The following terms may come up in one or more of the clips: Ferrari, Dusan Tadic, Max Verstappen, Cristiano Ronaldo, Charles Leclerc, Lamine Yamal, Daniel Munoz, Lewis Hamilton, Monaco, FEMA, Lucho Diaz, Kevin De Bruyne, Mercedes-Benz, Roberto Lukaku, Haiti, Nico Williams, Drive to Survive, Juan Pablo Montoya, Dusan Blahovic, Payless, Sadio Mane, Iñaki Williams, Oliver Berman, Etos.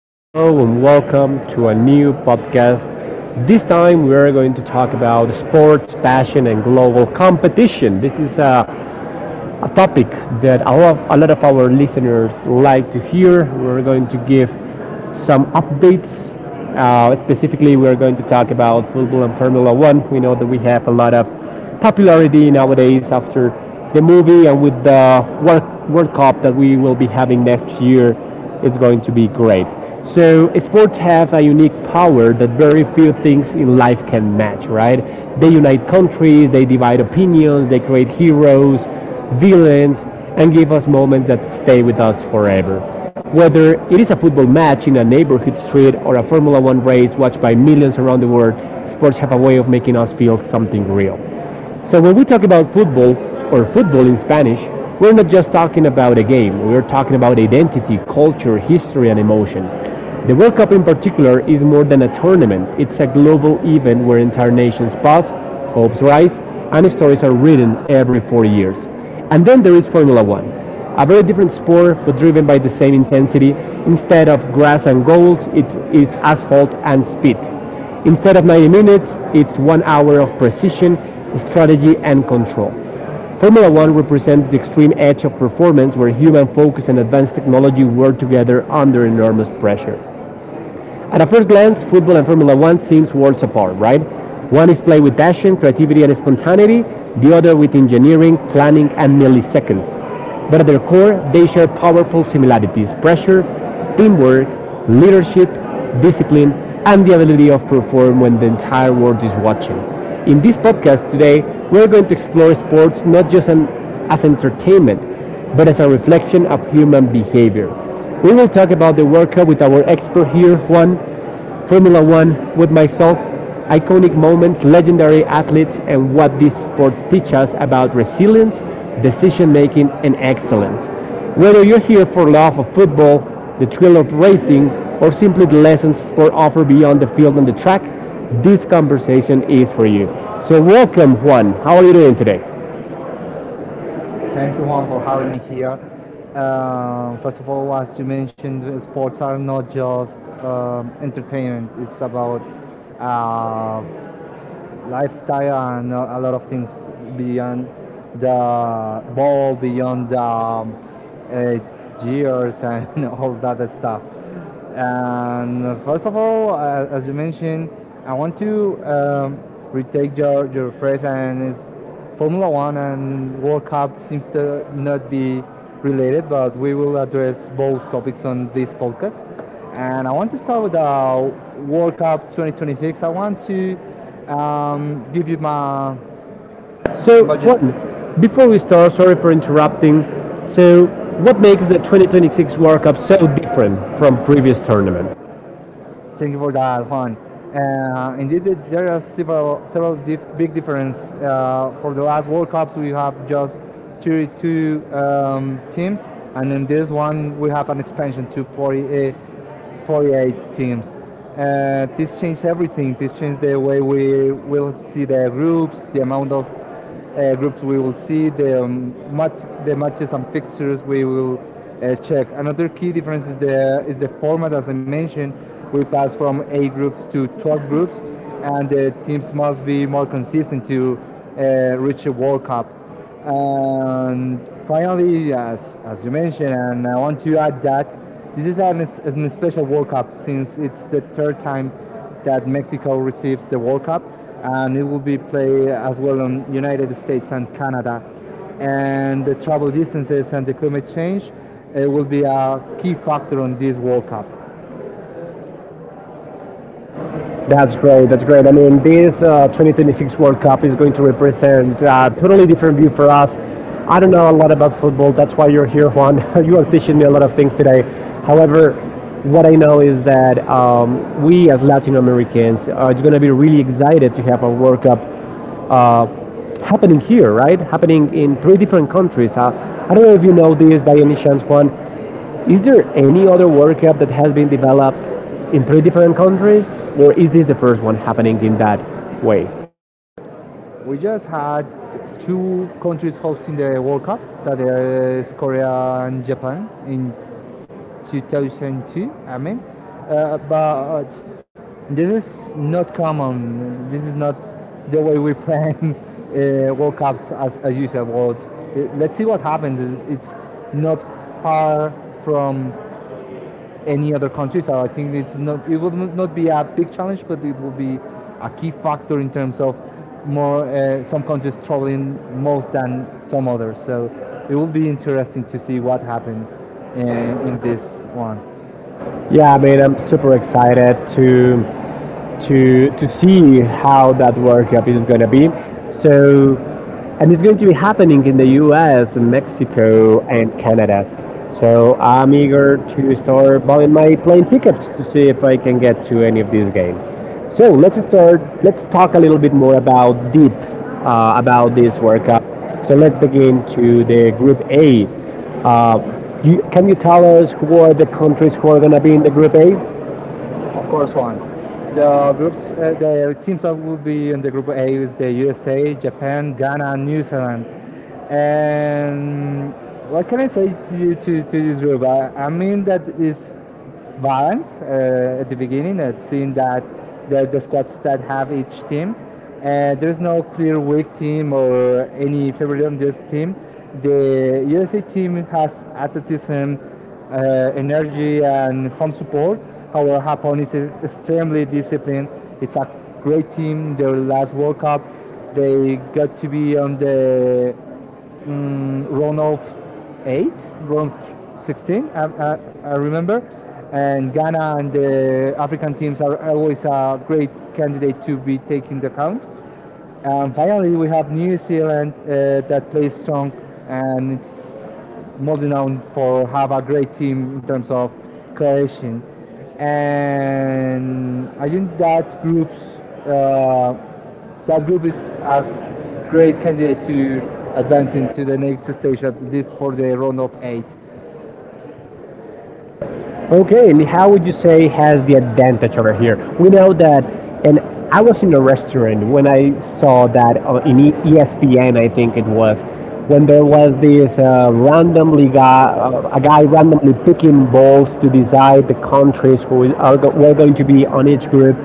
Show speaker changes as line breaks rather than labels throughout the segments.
hello and welcome to a new podcast. This time we are going to talk about sports, passion, and global competition. This is a topic that a lot of our listeners like to hear. We're going to give some updates. Specifically, we're going to talk about football and Formula One. We know that we have a lot of popularity nowadays after the movie and with the World Cup that we will be having next year. It's going to be great. So, sports have a unique power that very few things in life can match, right? They unite countries, they divide opinions, they create heroes, villains, and give us moments that stay with us forever. Whether it is a football match in a neighborhood street or a Formula One race watched by millions around the world, sports have a way of making us feel something real. So when we talk about football or football in Spanish, we're not just talking about a game, we're talking about identity, culture, history, and emotion. The World Cup in particular is more than a tournament, it's a global event where entire nations pass, hopes rise, and stories are written every 4 years. And then there is Formula One, a very different sport but driven by the same intensity. Instead of grass and goals, it's asphalt and speed. Instead of 90 minutes, it's 1 hour of precision, strategy, and control. Formula One represents the extreme edge of performance where human focus and advanced technology work together under enormous pressure. At a first glance, football and Formula One seems worlds apart, right? One is played with passion, creativity, and spontaneity, the other with engineering, planning, and milliseconds. But at their core, they share powerful similarities pressure, teamwork, leadership, discipline, and the ability of perform when the entire world is watching. In this podcast today, we're going to explore sports not just an, as entertainment, but as a reflection of human behavior. We will talk about the World Cup with our expert here, Juan, Formula One with myself, iconic moments, legendary athletes, and what this sport teaches us about resilience, decision making, and excellence. Whether you're here for love of football, the thrill of racing, or simply the lessons sport offer beyond the field and the track, this conversation is for you. So welcome, Juan. How are you doing today?
Thank you, Juan, for having me here. First of all, as you mentioned, sports are not just entertainment, it's about uh, lifestyle and a lot of things beyond the ball, beyond the uh, years, and all that stuff. And first of all, as you mentioned, I want to retake your phrase, and it's Formula One and World Cup seems to not be related, but we will address both topics on this podcast. And I want to start with the World Cup 2026. I want to give you my
So,
imagine.
what, before we start, sorry for interrupting. So, what makes the 2026 World Cup so different from previous tournaments?
Thank you for that, Juan. Indeed, there are several big difference. For the last World Cups, we have just 32 teams, and in this one, we have an expansion to 48, forty-eight teams. This changed everything. This changed the way we will see the groups, the amount of groups we will see, the matches and fixtures we will check. Another key difference is the format. As I mentioned, we pass from eight groups to 12 groups, and the teams must be more consistent to reach a World Cup. And finally, as you mentioned, and I want to add that this is an special World Cup, since it's the third time that Mexico receives the World Cup, and it will be played as well on United States and Canada. And the travel distances and the climate change, it will be a key factor on this World Cup.
That's great. That's great. I mean, this 2026 World Cup is going to represent a totally different view for us. I don't know a lot about football. That's why you're here, Juan. You are teaching me a lot of things today. However, what I know is that we as Latin Americans are going to be really excited to have a World Cup uh, happening here, right? Happening in three different countries. I don't know if you know this by any chance, Juan. Is there any other World Cup that has been developed in three different countries, or is this the first one happening in that way?
We just had two countries hosting the World Cup, that is Korea and Japan, in 2002. I mean, but this is not common. This is not the way we plan world cups, as you said. World let's see what happens. It's not far from any other country, so I think it would not be a big challenge, but it will be a key factor in terms of more, some countries traveling most than some others, so it will be interesting to see what happened in this one.
Yeah, I mean, I'm super excited to to see how that World Cup is going to be. So, and it's going to be happening in the U.S., Mexico, and Canada. So I'm eager to start buying my plane tickets to see if I can get to any of these games. So let's start. Let's talk a little bit more about deep about this World Cup. So let's begin to the Group A. Uh, can you tell us who are the countries who are going to be in the Group A?
Of course, one. The teams that will be in the group A is the USA, Japan, Ghana, and New Zealand. And what can I say to you to this group? I mean that it's balanced at the beginning. At seeing that the squads that have each team, there's no clear weak team or any favorite on this team. The USA team has athleticism, energy, and home support. Our Japón is extremely disciplined. It's a great team. Their last World Cup, they got to be on the round of eight, round 16, I remember. And Ghana and the African teams are always a great candidate to be taken into account. And finally, we have New Zealand that plays strong and it's Moldenown for have a great team in terms of cohesion, and I think uh, that group is a great candidate to advance into the next stage, at least for the round of eight.
Okay, and how would you say has the advantage over here? We know that, and I was in a restaurant when I saw that in ESPN, I think it was, when there was this a guy randomly picking balls to decide the countries who were going to be on each group.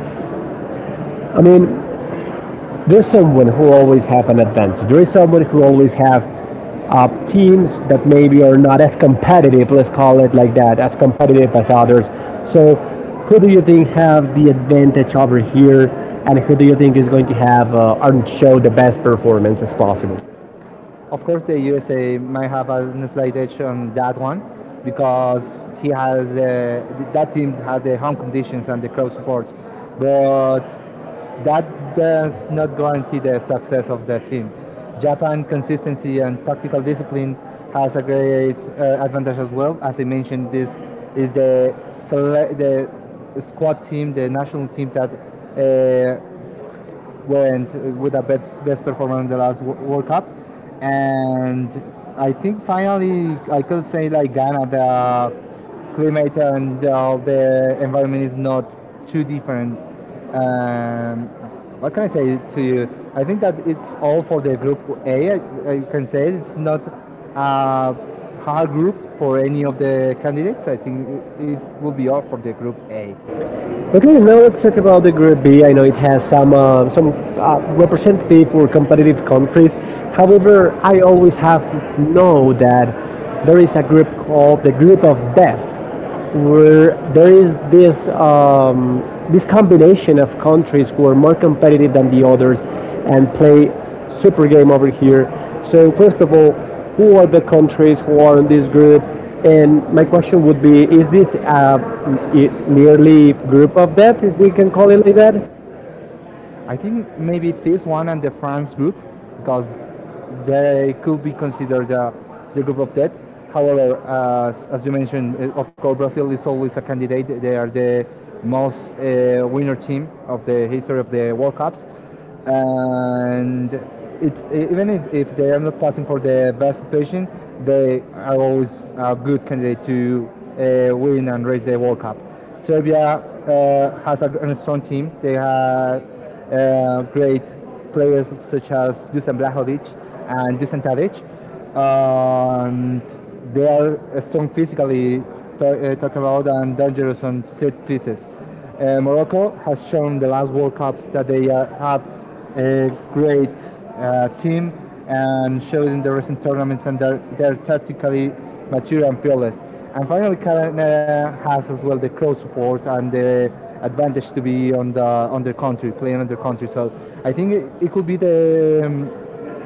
I mean, there's someone who always have an advantage. There is someone who always have teams that maybe are not as competitive, let's call it like that, as competitive as others. So, who do you think have the advantage over here, and who do you think is going to have and show the best performance as possible?
Of course, the USA might have a slight edge on that one because he has that team has the home conditions and the crowd support, but that does not guarantee the success of the team. Japan consistency and tactical discipline has a great advantage as well. As I mentioned, this is the squad team, the national team that uh, went with a best performance in the last World Cup. And I think finally I could say, like Ghana, the climate and the environment is not too different. Um, what can I say to you? I think that it's all for the group A. I can say it's not a hard group for any of the candidates. I think it will be all for the group A.
Okay, now let's talk about the Group B. I know it has some representative for competitive countries. However, I always have know that there is a group called the Group of Death where there is this combination of countries who are more competitive than the others and play super game over here. So first of all, who are the countries who are in this group? And my question would be: Is this a nearly group of death, if we can call it like that?
I think maybe this one and the France group, because they could be considered the group of death. However, as you mentioned, of course, Brazil is always a candidate. They are the most winner team of the history of the World Cups, and even if they are not passing for the best situation, they are always a good candidate to win and raise the World Cup. Serbia has a strong team. They have great players such as Dusan Blahovic and Dusan Tadic. And they are strong physically, to, talking about, and dangerous on set pieces. Morocco has shown the last World Cup that they are, have a great team, and showed in the recent tournaments, and they're tactically mature and fearless. And finally, Canada has as well the crowd support and the advantage to be on their country, playing on their country. So I think it could be the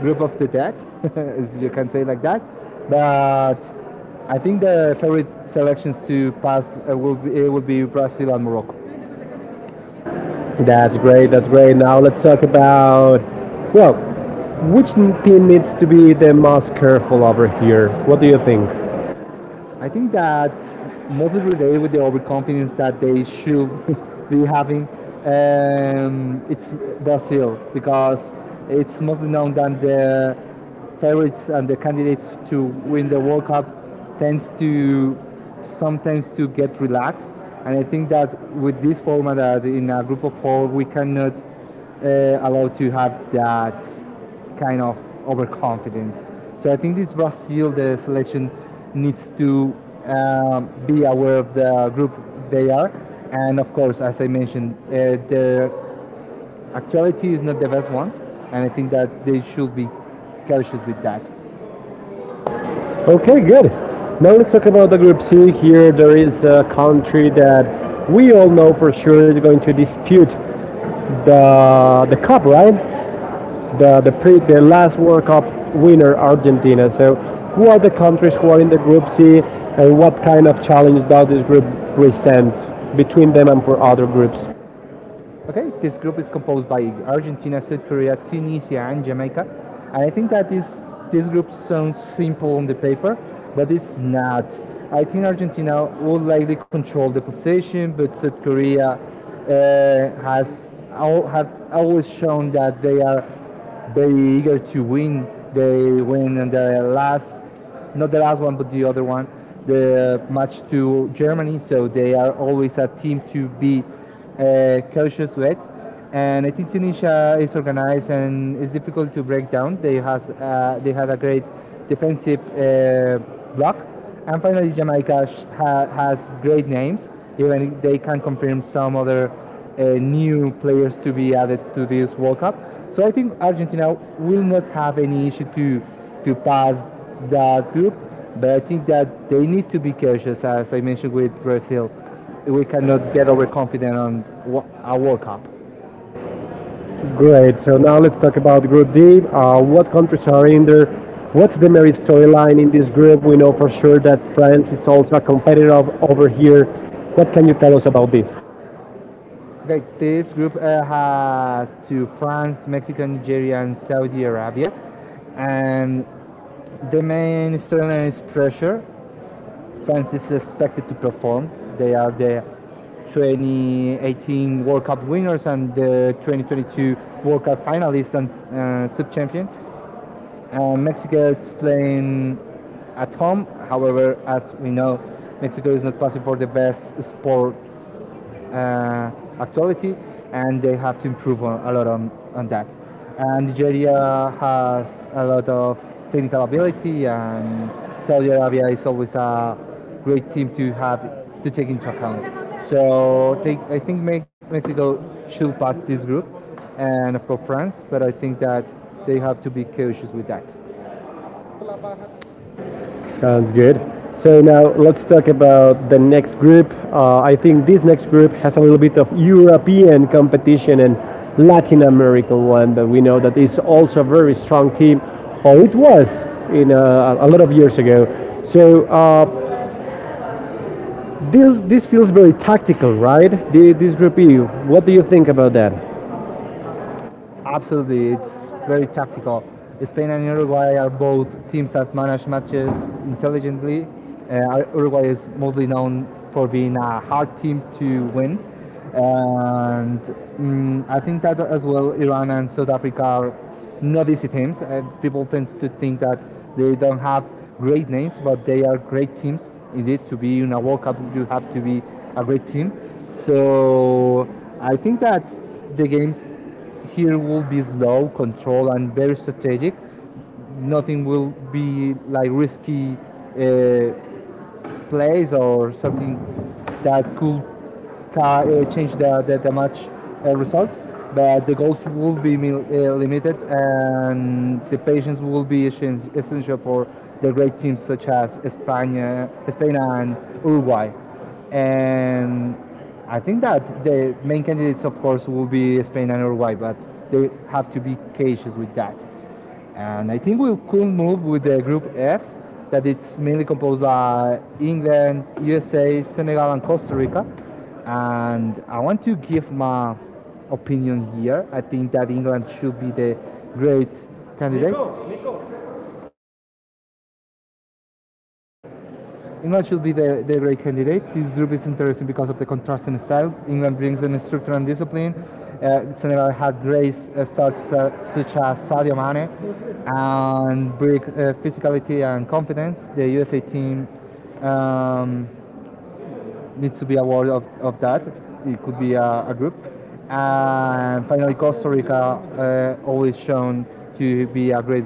group of the dead, if you can say it like that. But I think the favorite selections to pass it will be Brazil and Morocco.
That's great. That's great. Now let's talk about well, which team needs to be the most careful over here? What do you think?
I think that mostly related with the overconfidence that they should be having. It's Brazil, because it's mostly known that the favorites and the candidates to win the World Cup tends to sometimes to get relaxed, and I think that with this format, that in a group of four, we cannot allow to have that kind of overconfidence. So I think this Brazil, the selection needs to be aware of the group they are, and of course, as I mentioned, their actuality is not the best one, and I think that they should be cautious with that.
Okay, good. Now let's talk about the Group C. Here there is a country that we all know for sure is going to dispute the cup, right? The the last World Cup winner, Argentina. So, who are the countries who are in the Group C, and what kind of challenge does this group present between them and for other groups?
Okay, this group is composed by Argentina, South Korea, Tunisia, and Jamaica. And I think that this group sounds simple on the paper, but it's not. I think Argentina will likely control the position, but South Korea have always shown that they are very eager to win. They win in the last, not the last one, but the other one, the match to Germany. So they are always a team to be cautious with. And I think Tunisia is organized and it's difficult to break down. They had a great defensive block. And finally, Jamaica has great names, even if they can confirm some other new players to be added to this World Cup. So I think Argentina will not have any issue to pass that group. But I think that they need to be cautious, as I mentioned, with Brazil. We cannot get overconfident on a World Cup.
Great. So now let's talk about Group D. What countries are in there? What's the marriage storyline in this group? We know for sure that France is also a competitor over here. What can you tell us about this?
Okay, this group has to France, Mexico, Nigeria, and Saudi Arabia. And the main storyline is pressure. France is expected to perform. They are the 2018 World Cup winners and the 2022 World Cup finalists and sub-champion. Mexico is playing at home. However, as we know, Mexico is not passing for the best sport uh, actuality, and they have to improve on, a lot on that. And Nigeria has a lot of technical ability, and Saudi Arabia is always a great team to have to take into account. So take, I think Mexico should pass this group, and of course France. But I think that they have to be cautious with that.
Sounds good. So now let's talk about the next group. I think this next group has a little bit of European competition and Latin American one that we know that is also a very strong team, or it was in a lot of years ago. So this feels very tactical, right? This group. What do you think about that?
Absolutely, it's very tactical. Spain and Uruguay are both teams that manage matches intelligently. Uruguay is mostly known for being a hard team to win, and I think that as well, Iran and South Africa are not easy teams. People tend to think that they don't have great names, but they are great teams. Indeed, to be in a World Cup, you have to be a great team. So I think that the games here will be slow, controlled, and very strategic. Nothing will be like risky uh, plays, or something that could change the match results. But the goals will be limited, and the patience will be essential for the great teams such as Spain and Uruguay. And I think that the main candidates, of course, will be Spain and Uruguay, but they have to be cautious with that. And I think we could move with the Group F, that it's mainly composed by England, USA, Senegal, and Costa Rica. And I want to give my opinion here. I think that England should be the great candidate. England should be the great candidate. This group is interesting because of the contrasting style. England brings in structure and discipline. Senegal had great starts such as Sadio Mane, and bring physicality and confidence. The USA team um, needs to be aware of that. It could be a group. And finally, Costa Rica always shown to be a great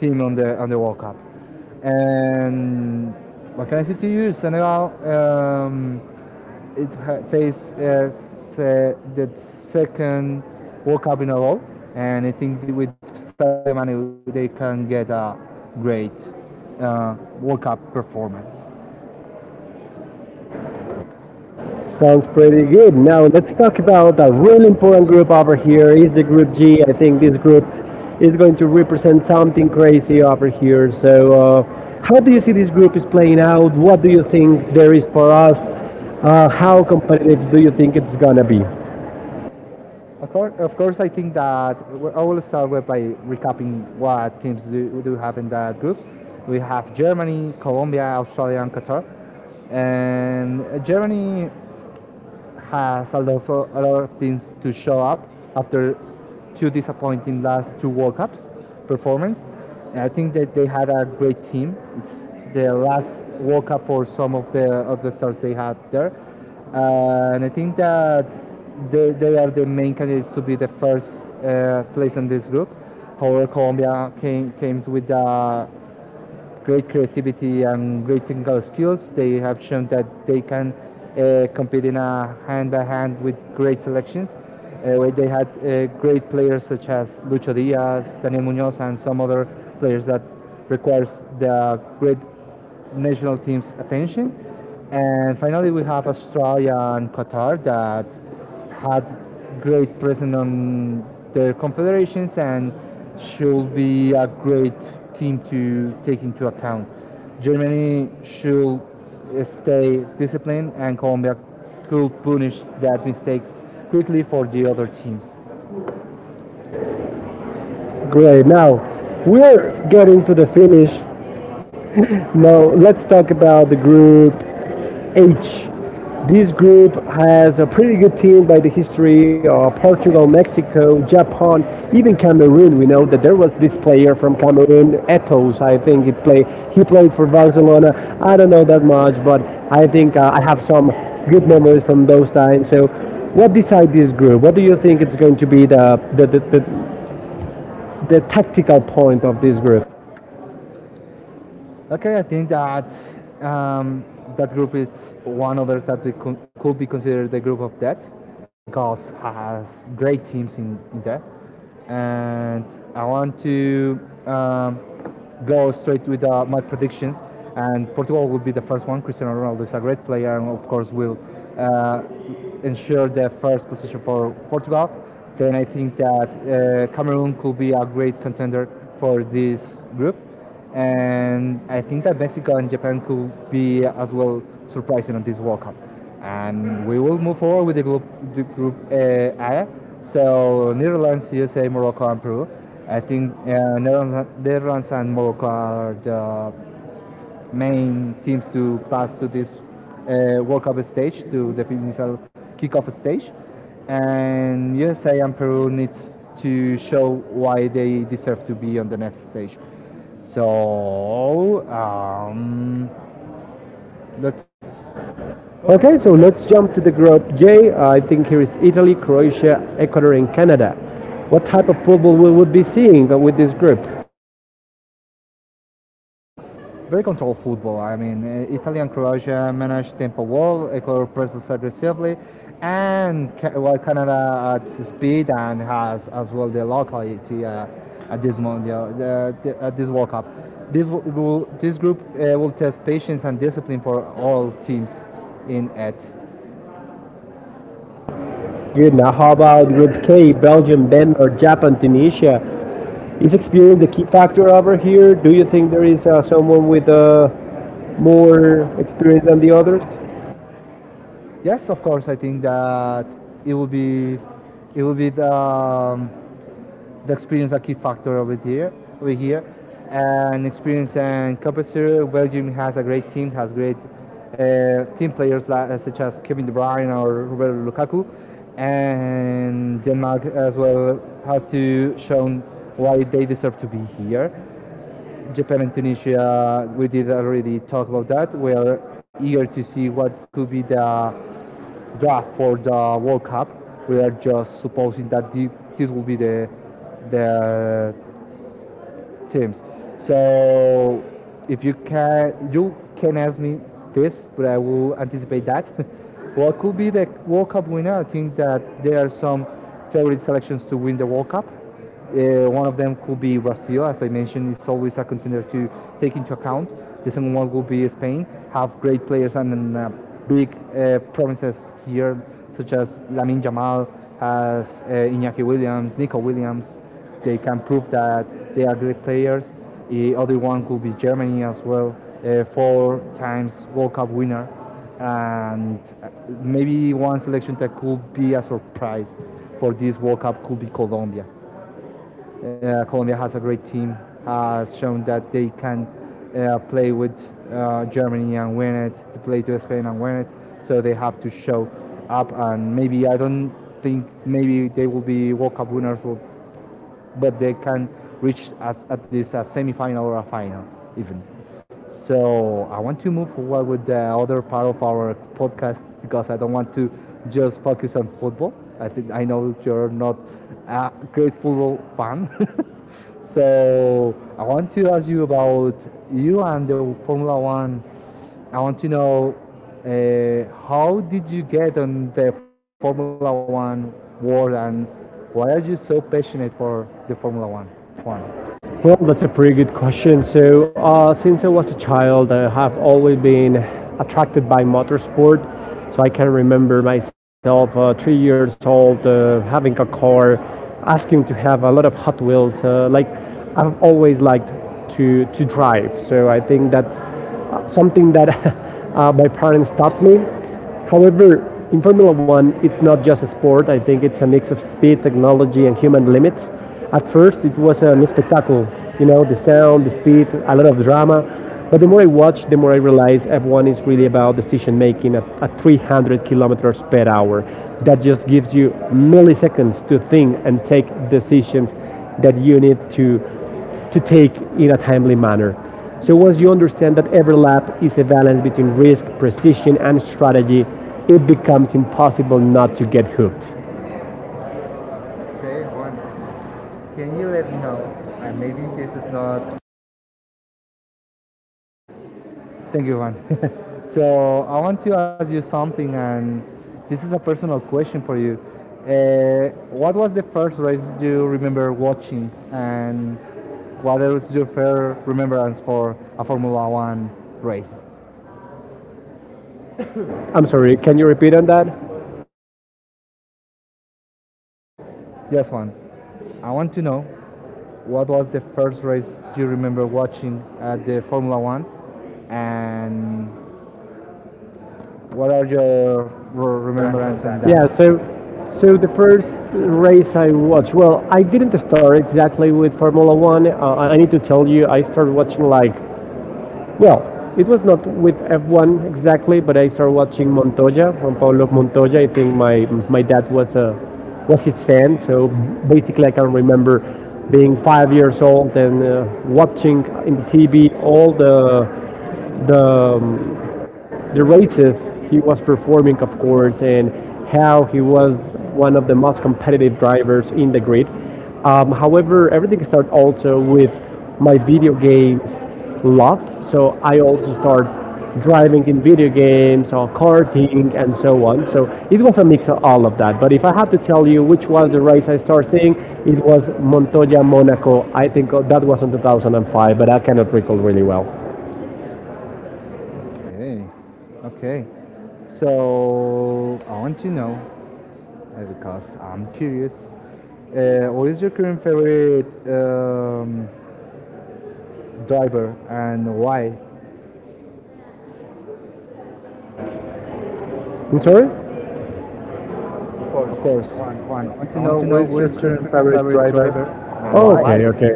team on the World Cup. And what can I say to you? Senegal faced the second World Cup in a row, and I think with Sadio Mane they can get a great uh, World Cup performance.
Sounds pretty good. Now let's talk about a really important group over here. Is the group G? I think this group is going to represent something crazy over here. So, how do you see this group is playing out? What do you think there is for us? How competitive do you think it's gonna be?
Of course, I think that I will start with by recapping what teams do have in that group. We have Germany, Colombia, Australia, and Qatar and Germany has allowed for a lot of teams to show up after two disappointing last two World Cups performance. And I think that they had a great team. It's the last World Cup for some of the stars they had there, and I think that they are the main candidates to be the first place in this group. However, Colombia came with a great creativity and great technical skills. They have shown that they can compete in a hand by hand with great selections. Where they had great players such as Lucho Diaz, Daniel Munoz, and some other players that requires the great national team's attention. And finally, we have Australia and Qatar that had great presence on their confederations and should be a great team to take into account. Germany should stay disciplined, and Colombia could punish that mistakes quickly for the other teams.
Great. Now we're getting to the finish. Now let's talk about the group H. This group has a pretty good team by the history of Portugal, Mexico, Japan, even Cameroon. We know that there was this player from Cameroon, Etos. I think he played. He played for Barcelona. I don't know that much, but I think I have some good memories from those times. So, what decide this group? What do you think it's going to be the tactical point of this group?
Okay, I think that um, that group is one other that we could be considered the group of death because has great teams in that. And I want to um, go straight with my predictions. And Portugal will be the first one. Cristiano Ronaldo is a great player and, of course, will uh, ensure the first position for Portugal. Then I think that Cameroon could be a great contender for this group, and I think that Mexico and Japan could be as well surprising on this World Cup. And we will move forward with the group A. So Netherlands, USA, Morocco, and Peru. I think Netherlands and Morocco are the main teams to pass to this World Cup stage, to the initial kickoff stage. And USA and Peru needs to show why they deserve to be on the next stage. So let's.
Okay, so let's jump to the group J. I think here is Italy, Croatia, Ecuador, and Canada. What type of football we would be seeing with this group?
Very controlled football. I mean, Italy and Croatia managed tempo well, Ecuador presses aggressively, and while Canada at speed and has as well the locality at this Mondial, at this World Cup. This this group will test patience and discipline for all teams in it.
Good. Now, how about Group K? Belgium, Denmark, Japan, Tunisia. Is experience the key factor over here? Do you think there is someone with more experience than the others?
Yes, of course, I think that it will be it will be the. The experience is a key factor over here, and experience and capacity. Belgium has a great team, has great team players such as Kevin De Bruyne or Roberto Lukaku, and Denmark as well has to show why they deserve to be here. Japan and Tunisia, we did already talk about that. We are eager to see what could be the draft for the World Cup. We are just supposing that this will be the terms. So if you can, you can ask me this, but I will anticipate that. What could be the World Cup winner? I think that there are some favorite selections to win the World Cup. One of them could be Brazil, as I mentioned, is always a contender to take into account. The second one would be Spain, have great players and big promises here, such as Lamine Yamal, as Iñaki Williams, Nico Williams, they can prove that they are great players. The other one could be Germany as well, four times World Cup winner, and maybe one selection that could be a surprise for this World Cup could be Colombia. Colombia has a great team, has shown that they can play with Germany and win it, to play to Spain and win it. So they have to show up, and maybe I don't think maybe they will be World Cup winners, will, but they can reach as, at least a semifinal or a final even. So I want to move forward with the other part of our podcast because I don't want to just focus on football. I think I know you're not a great football fan. So I want to ask you about you and the Formula One. I want to know how did you get on the Formula One world and why are you so passionate for the Formula One? Juan,
Well, that's a pretty good question. So, since I was a child, I have always been attracted by motorsport. So, I can remember myself, 3 years old, having a car, asking to have a lot of Hot Wheels. I've always liked to drive. So, I think that's something that my parents taught me. However, in Formula One, it's not just a sport. I think it's a mix of speed, technology, and human limits. At first, it was a spectacle, you know, the sound, the speed, a lot of drama. But the more I watch, the more I realize F1 is really about decision making at 300 kilometers per hour. That just gives you milliseconds to think and take decisions that you need to take in a timely manner. So once you understand that every lap is a balance between risk, precision, and strategy, it becomes impossible not to get hooked.
thank you, Juan. So I want to ask you something, and this is a personal question for you. What was the first race you remember watching, and what was your fair remembrance for a Formula One race?
I'm sorry, can you repeat on that?
Yes, Juan. I want to know, what was the first race you remember watching at the Formula One? And what are your remembrances on that?
Yeah,
Yeah,
so
sure.
so the first race I watched, well, I didn't start exactly with Formula One. I need to tell you, I started watching like Well, it was not with F1 exactly, but I started watching Montoya, Juan Pablo Montoya. I think my dad was a was his fan, so basically I can remember being 5 years old and watching in the TV all the um, the races he was performing, of course, and how he was one of the most competitive drivers in the grid. However, everything started also with my video games love. So I also start driving in video games or karting and so on. So it was a mix of all of that. But if I had to tell you which was the race I started seeing, it was Montoya Monaco. I think that was in 2005, but I cannot recall really well.
Okay, okay. So I want to know because I'm curious. What is your current favorite driver and why?
I'm sorry?
Of course, Juan. I want to know what is your current favorite driver and
Oh, okay,
why.
okay.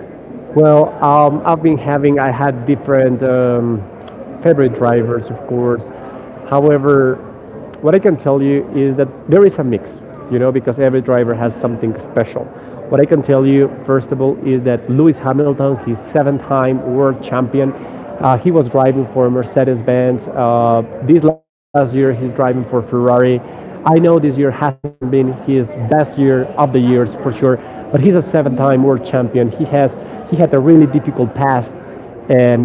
Well, I had different favorite drivers, of course. However, what I can tell you is that there is a mix, you know, because every driver has something special. What I can tell you, first of all, is that Lewis Hamilton, he's seven-time world champion. He was driving for Mercedes-Benz. This last year, he's driving for Ferrari. I know this year hasn't been his best year of the years for sure, but he's a seven-time world champion. He had a really difficult past, and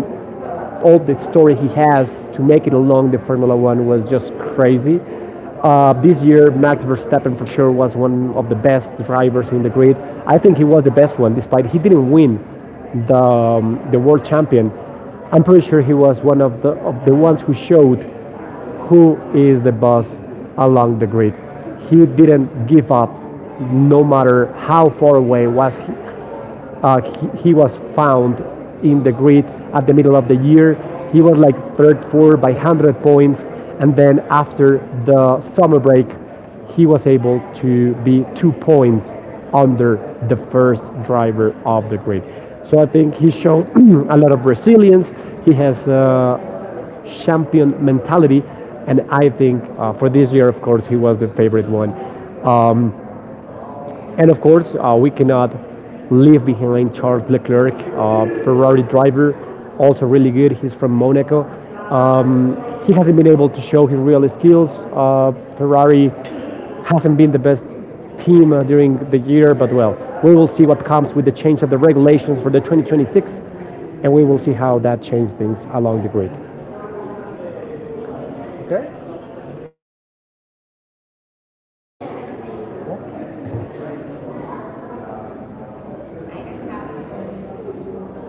all the story he has to make it along the Formula One was just crazy. This year, Max Verstappen for sure was one of the best drivers in the grid. I think he was the best one, despite he didn't win the world champion. I'm pretty sure he was one of the ones who showed who is the boss along the grid. He didn't give up, no matter how far away was he, he was found in the grid at the middle of the year. He was like third, fourth by 100 points, and then after the summer break, he was able to be 2 points under the first driver of the grid. So I think he showed a lot of resilience. He has champion mentality. And I think for this year, of course, he was the favorite one. And of course, we cannot leave behind Charles Leclerc, Ferrari driver, also really good. He's from Monaco. Um, he hasn't been able to show his real skills. Ferrari hasn't been the best team during the year, but well, we will see what comes with the change of the regulations for the 2026, and we will see how that changes things along the grid.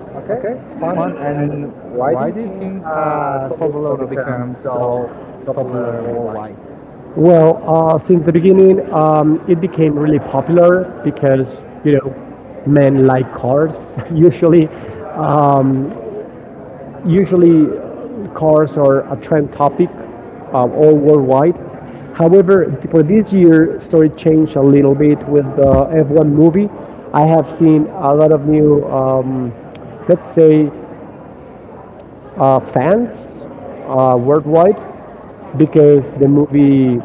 Okay, fun. And why do you think has Formula Uno become so popular worldwide?
Well, since the beginning, it became really popular because you know men like cars. Usually, um, usually cars are a trend topic all worldwide. However, for this year, story changed a little bit with the F1 movie. I have seen a lot of new, let's say, fans worldwide because the movie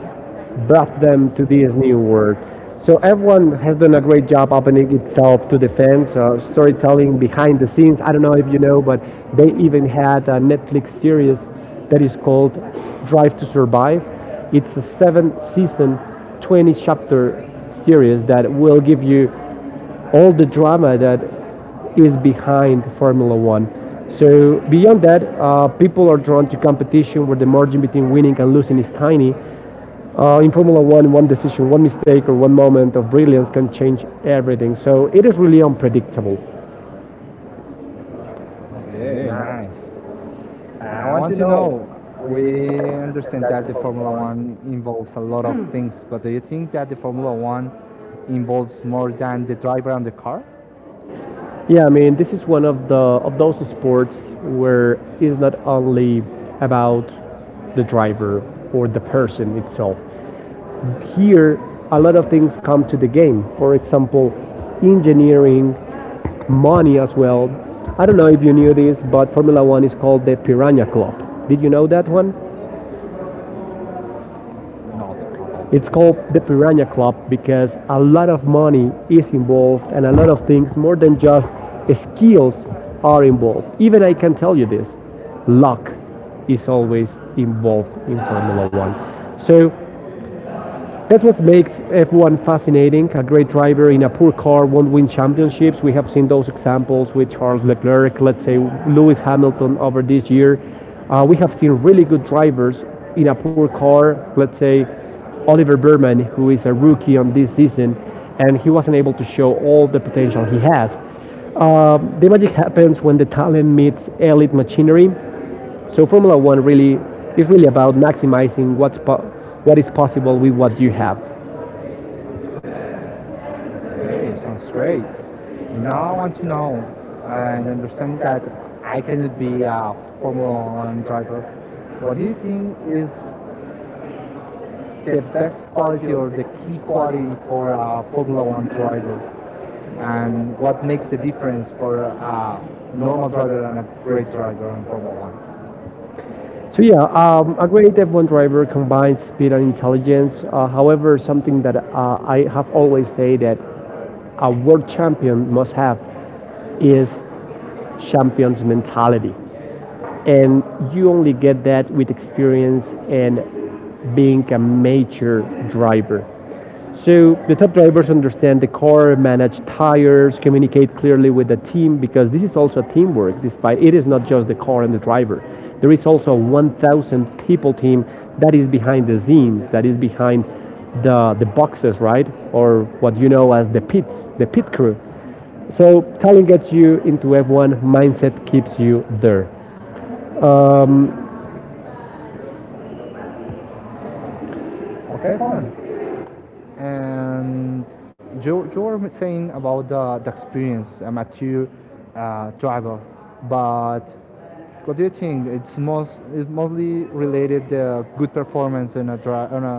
brought them to this new world. So everyone has done a great job opening itself to the fans, storytelling behind the scenes. I don't know if you know, but they even had a Netflix series that is called Drive to Survive. It's a seven season, 20 chapter series that will give you all the drama that is behind Formula One. So beyond that, people are drawn to competition where the margin between winning and losing is tiny. In Formula One, one decision, one mistake, or one moment of brilliance can change everything. So it is really unpredictable.
Okay, nice. I want to know. We understand that the Formula One involves a lot of things, but do you think that the Formula One involves more than the driver and the car?
Yeah, I mean, this is one of the of those sports where it's not only about the driver or the person itself. Here, a lot of things come to the game. For example, engineering, money as well. I don't know if you knew this, but Formula One is called the Piranha Club. Did you know that one?
Not at all.
It's called the Piranha Club because a lot of money is involved and a lot of things more than just skills are involved. Even I can tell you this, luck is always involved in Formula One. So that's what makes F1 fascinating. A great driver in a poor car won't win championships. We have seen those examples with Charles Leclerc, let's say Lewis Hamilton over this year. We have seen really good drivers in a poor car, let's say Oliver Berman, who is a rookie on this season, and he wasn't able to show all the potential he has. The magic happens when the talent meets elite machinery. So Formula One really is really about maximizing what is possible with what you have.
Okay, sounds great. Now I want to know and understand that I cannot be a Formula One driver. What do you think is the best quality or the key quality for a Formula One driver, and what makes the difference for a normal driver and a great driver on Formula One?
So yeah, a great F1 driver combines speed and intelligence. However, something that I have always said that a world champion must have is champion's mentality, and you only get that with experience and being a major driver. So the top drivers understand the car, manage tires, communicate clearly with the team because this is also teamwork. Despite it is not just the car and the driver, there is also a 1,000 people team that is behind the scenes, that is behind the boxes, right, or what you know as the pits, the pit crew. So talent gets you into F1, mindset keeps you there.
Okay, Juan. And you were saying about the experience, a mature driver, but what do you think? It's most it's mostly related the good performance in a on a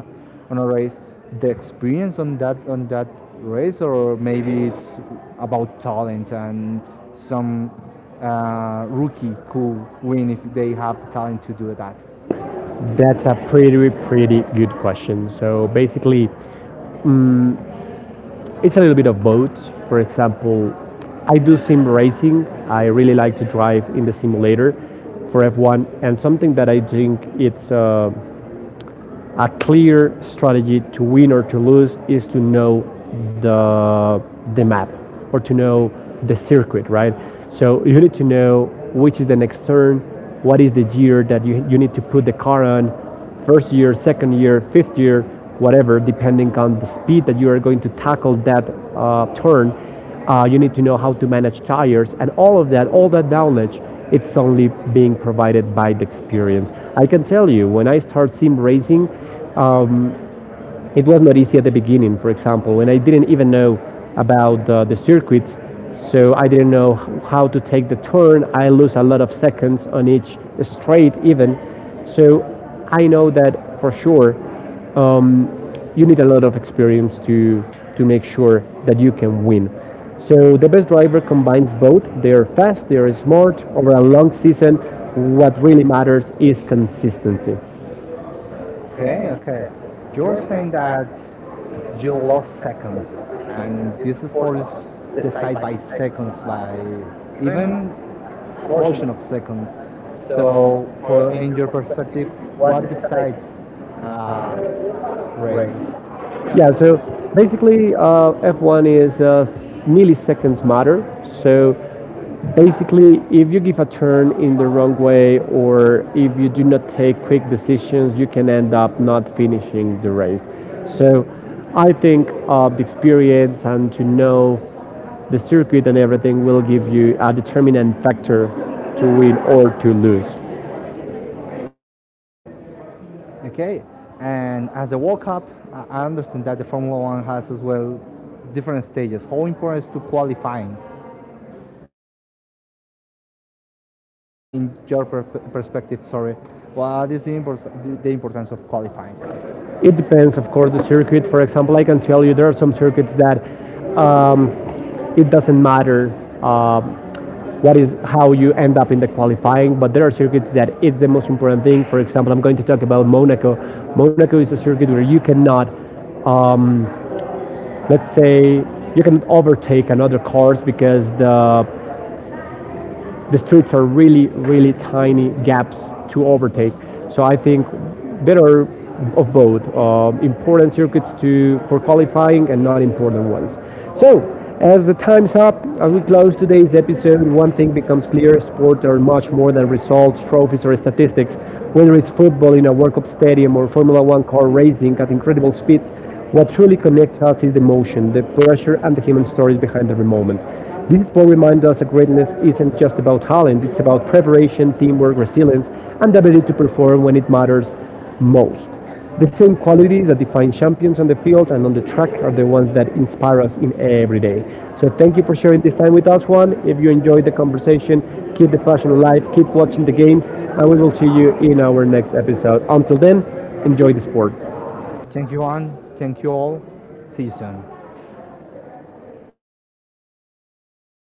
on a race, the experience on that race, or maybe it's about talent and some rookie could win if they have the talent to do that.
That's a pretty good question. So basically, it's a little bit of both. For example, I do sim racing. I really like to drive in the simulator for F1, and something that I think it's a clear strategy to win or to lose is to know the the map or to know the circuit, right? So you need to know which is the next turn, what is the gear that you need to put the car on, first gear, second gear, fifth gear, whatever, depending on the speed that you are going to tackle that turn. You need to know how to manage tires and all of that, all that knowledge. It's only being provided by the experience. I can tell you, when I started sim racing, um, it was not easy at the beginning. For example, when I didn't even know about the circuits, so I didn't know how to take the turn. I lose a lot of seconds on each straight, even. So I know that for sure. Um, you need a lot of experience to make sure that you can win. So the best driver combines both. They are fast, they are smart. Over a long season, what really matters is consistency.
Okay, okay. You're saying that you lost seconds, and this sport is decided by seconds, by even portion of seconds. So, for in your perspective, what decides a race?
Yeah, so basically, F1 is, milliseconds matter. So basically, if you give a turn in the wrong way or if you do not take quick decisions, you can end up not finishing the race. So, I think the experience and to know the circuit and everything will give you a determinant factor to win or to lose.
Okay, and as a World Cup, I understand that the Formula One has as well different stages. How important is to qualifying? In your perspective, sorry, what is the importance of qualifying?
It depends, of course, the circuit. For example, I can tell you there are some circuits that um, it doesn't matter, um, what is how you end up in the qualifying. But there are circuits that it's the most important thing. For example, I'm going to talk about Monaco. Monaco is a circuit where you cannot, um, let's say, you can overtake another cars because the streets are really, really tiny gaps to overtake. So I think better of both important circuits to for qualifying and not important ones. So as the time's up, as we close today's episode, one thing becomes clear: sports are much more than results, trophies, or statistics. Whether it's football in a World Cup stadium or Formula One car racing at incredible speed, what truly connects us is the emotion, the pressure, and the human stories behind every moment. These both remind us that greatness isn't just about talent, it's about preparation, teamwork, resilience, and the ability to perform when it matters most. The same qualities that define champions on the field and on the track are the ones that inspire us in every day. So thank you for sharing this time with us, Juan. If you enjoyed the conversation, keep the passion alive, keep watching the games, and we will see you in our next episode. Until then, enjoy the sport.
Thank you, Juan. Thank you all. See you soon.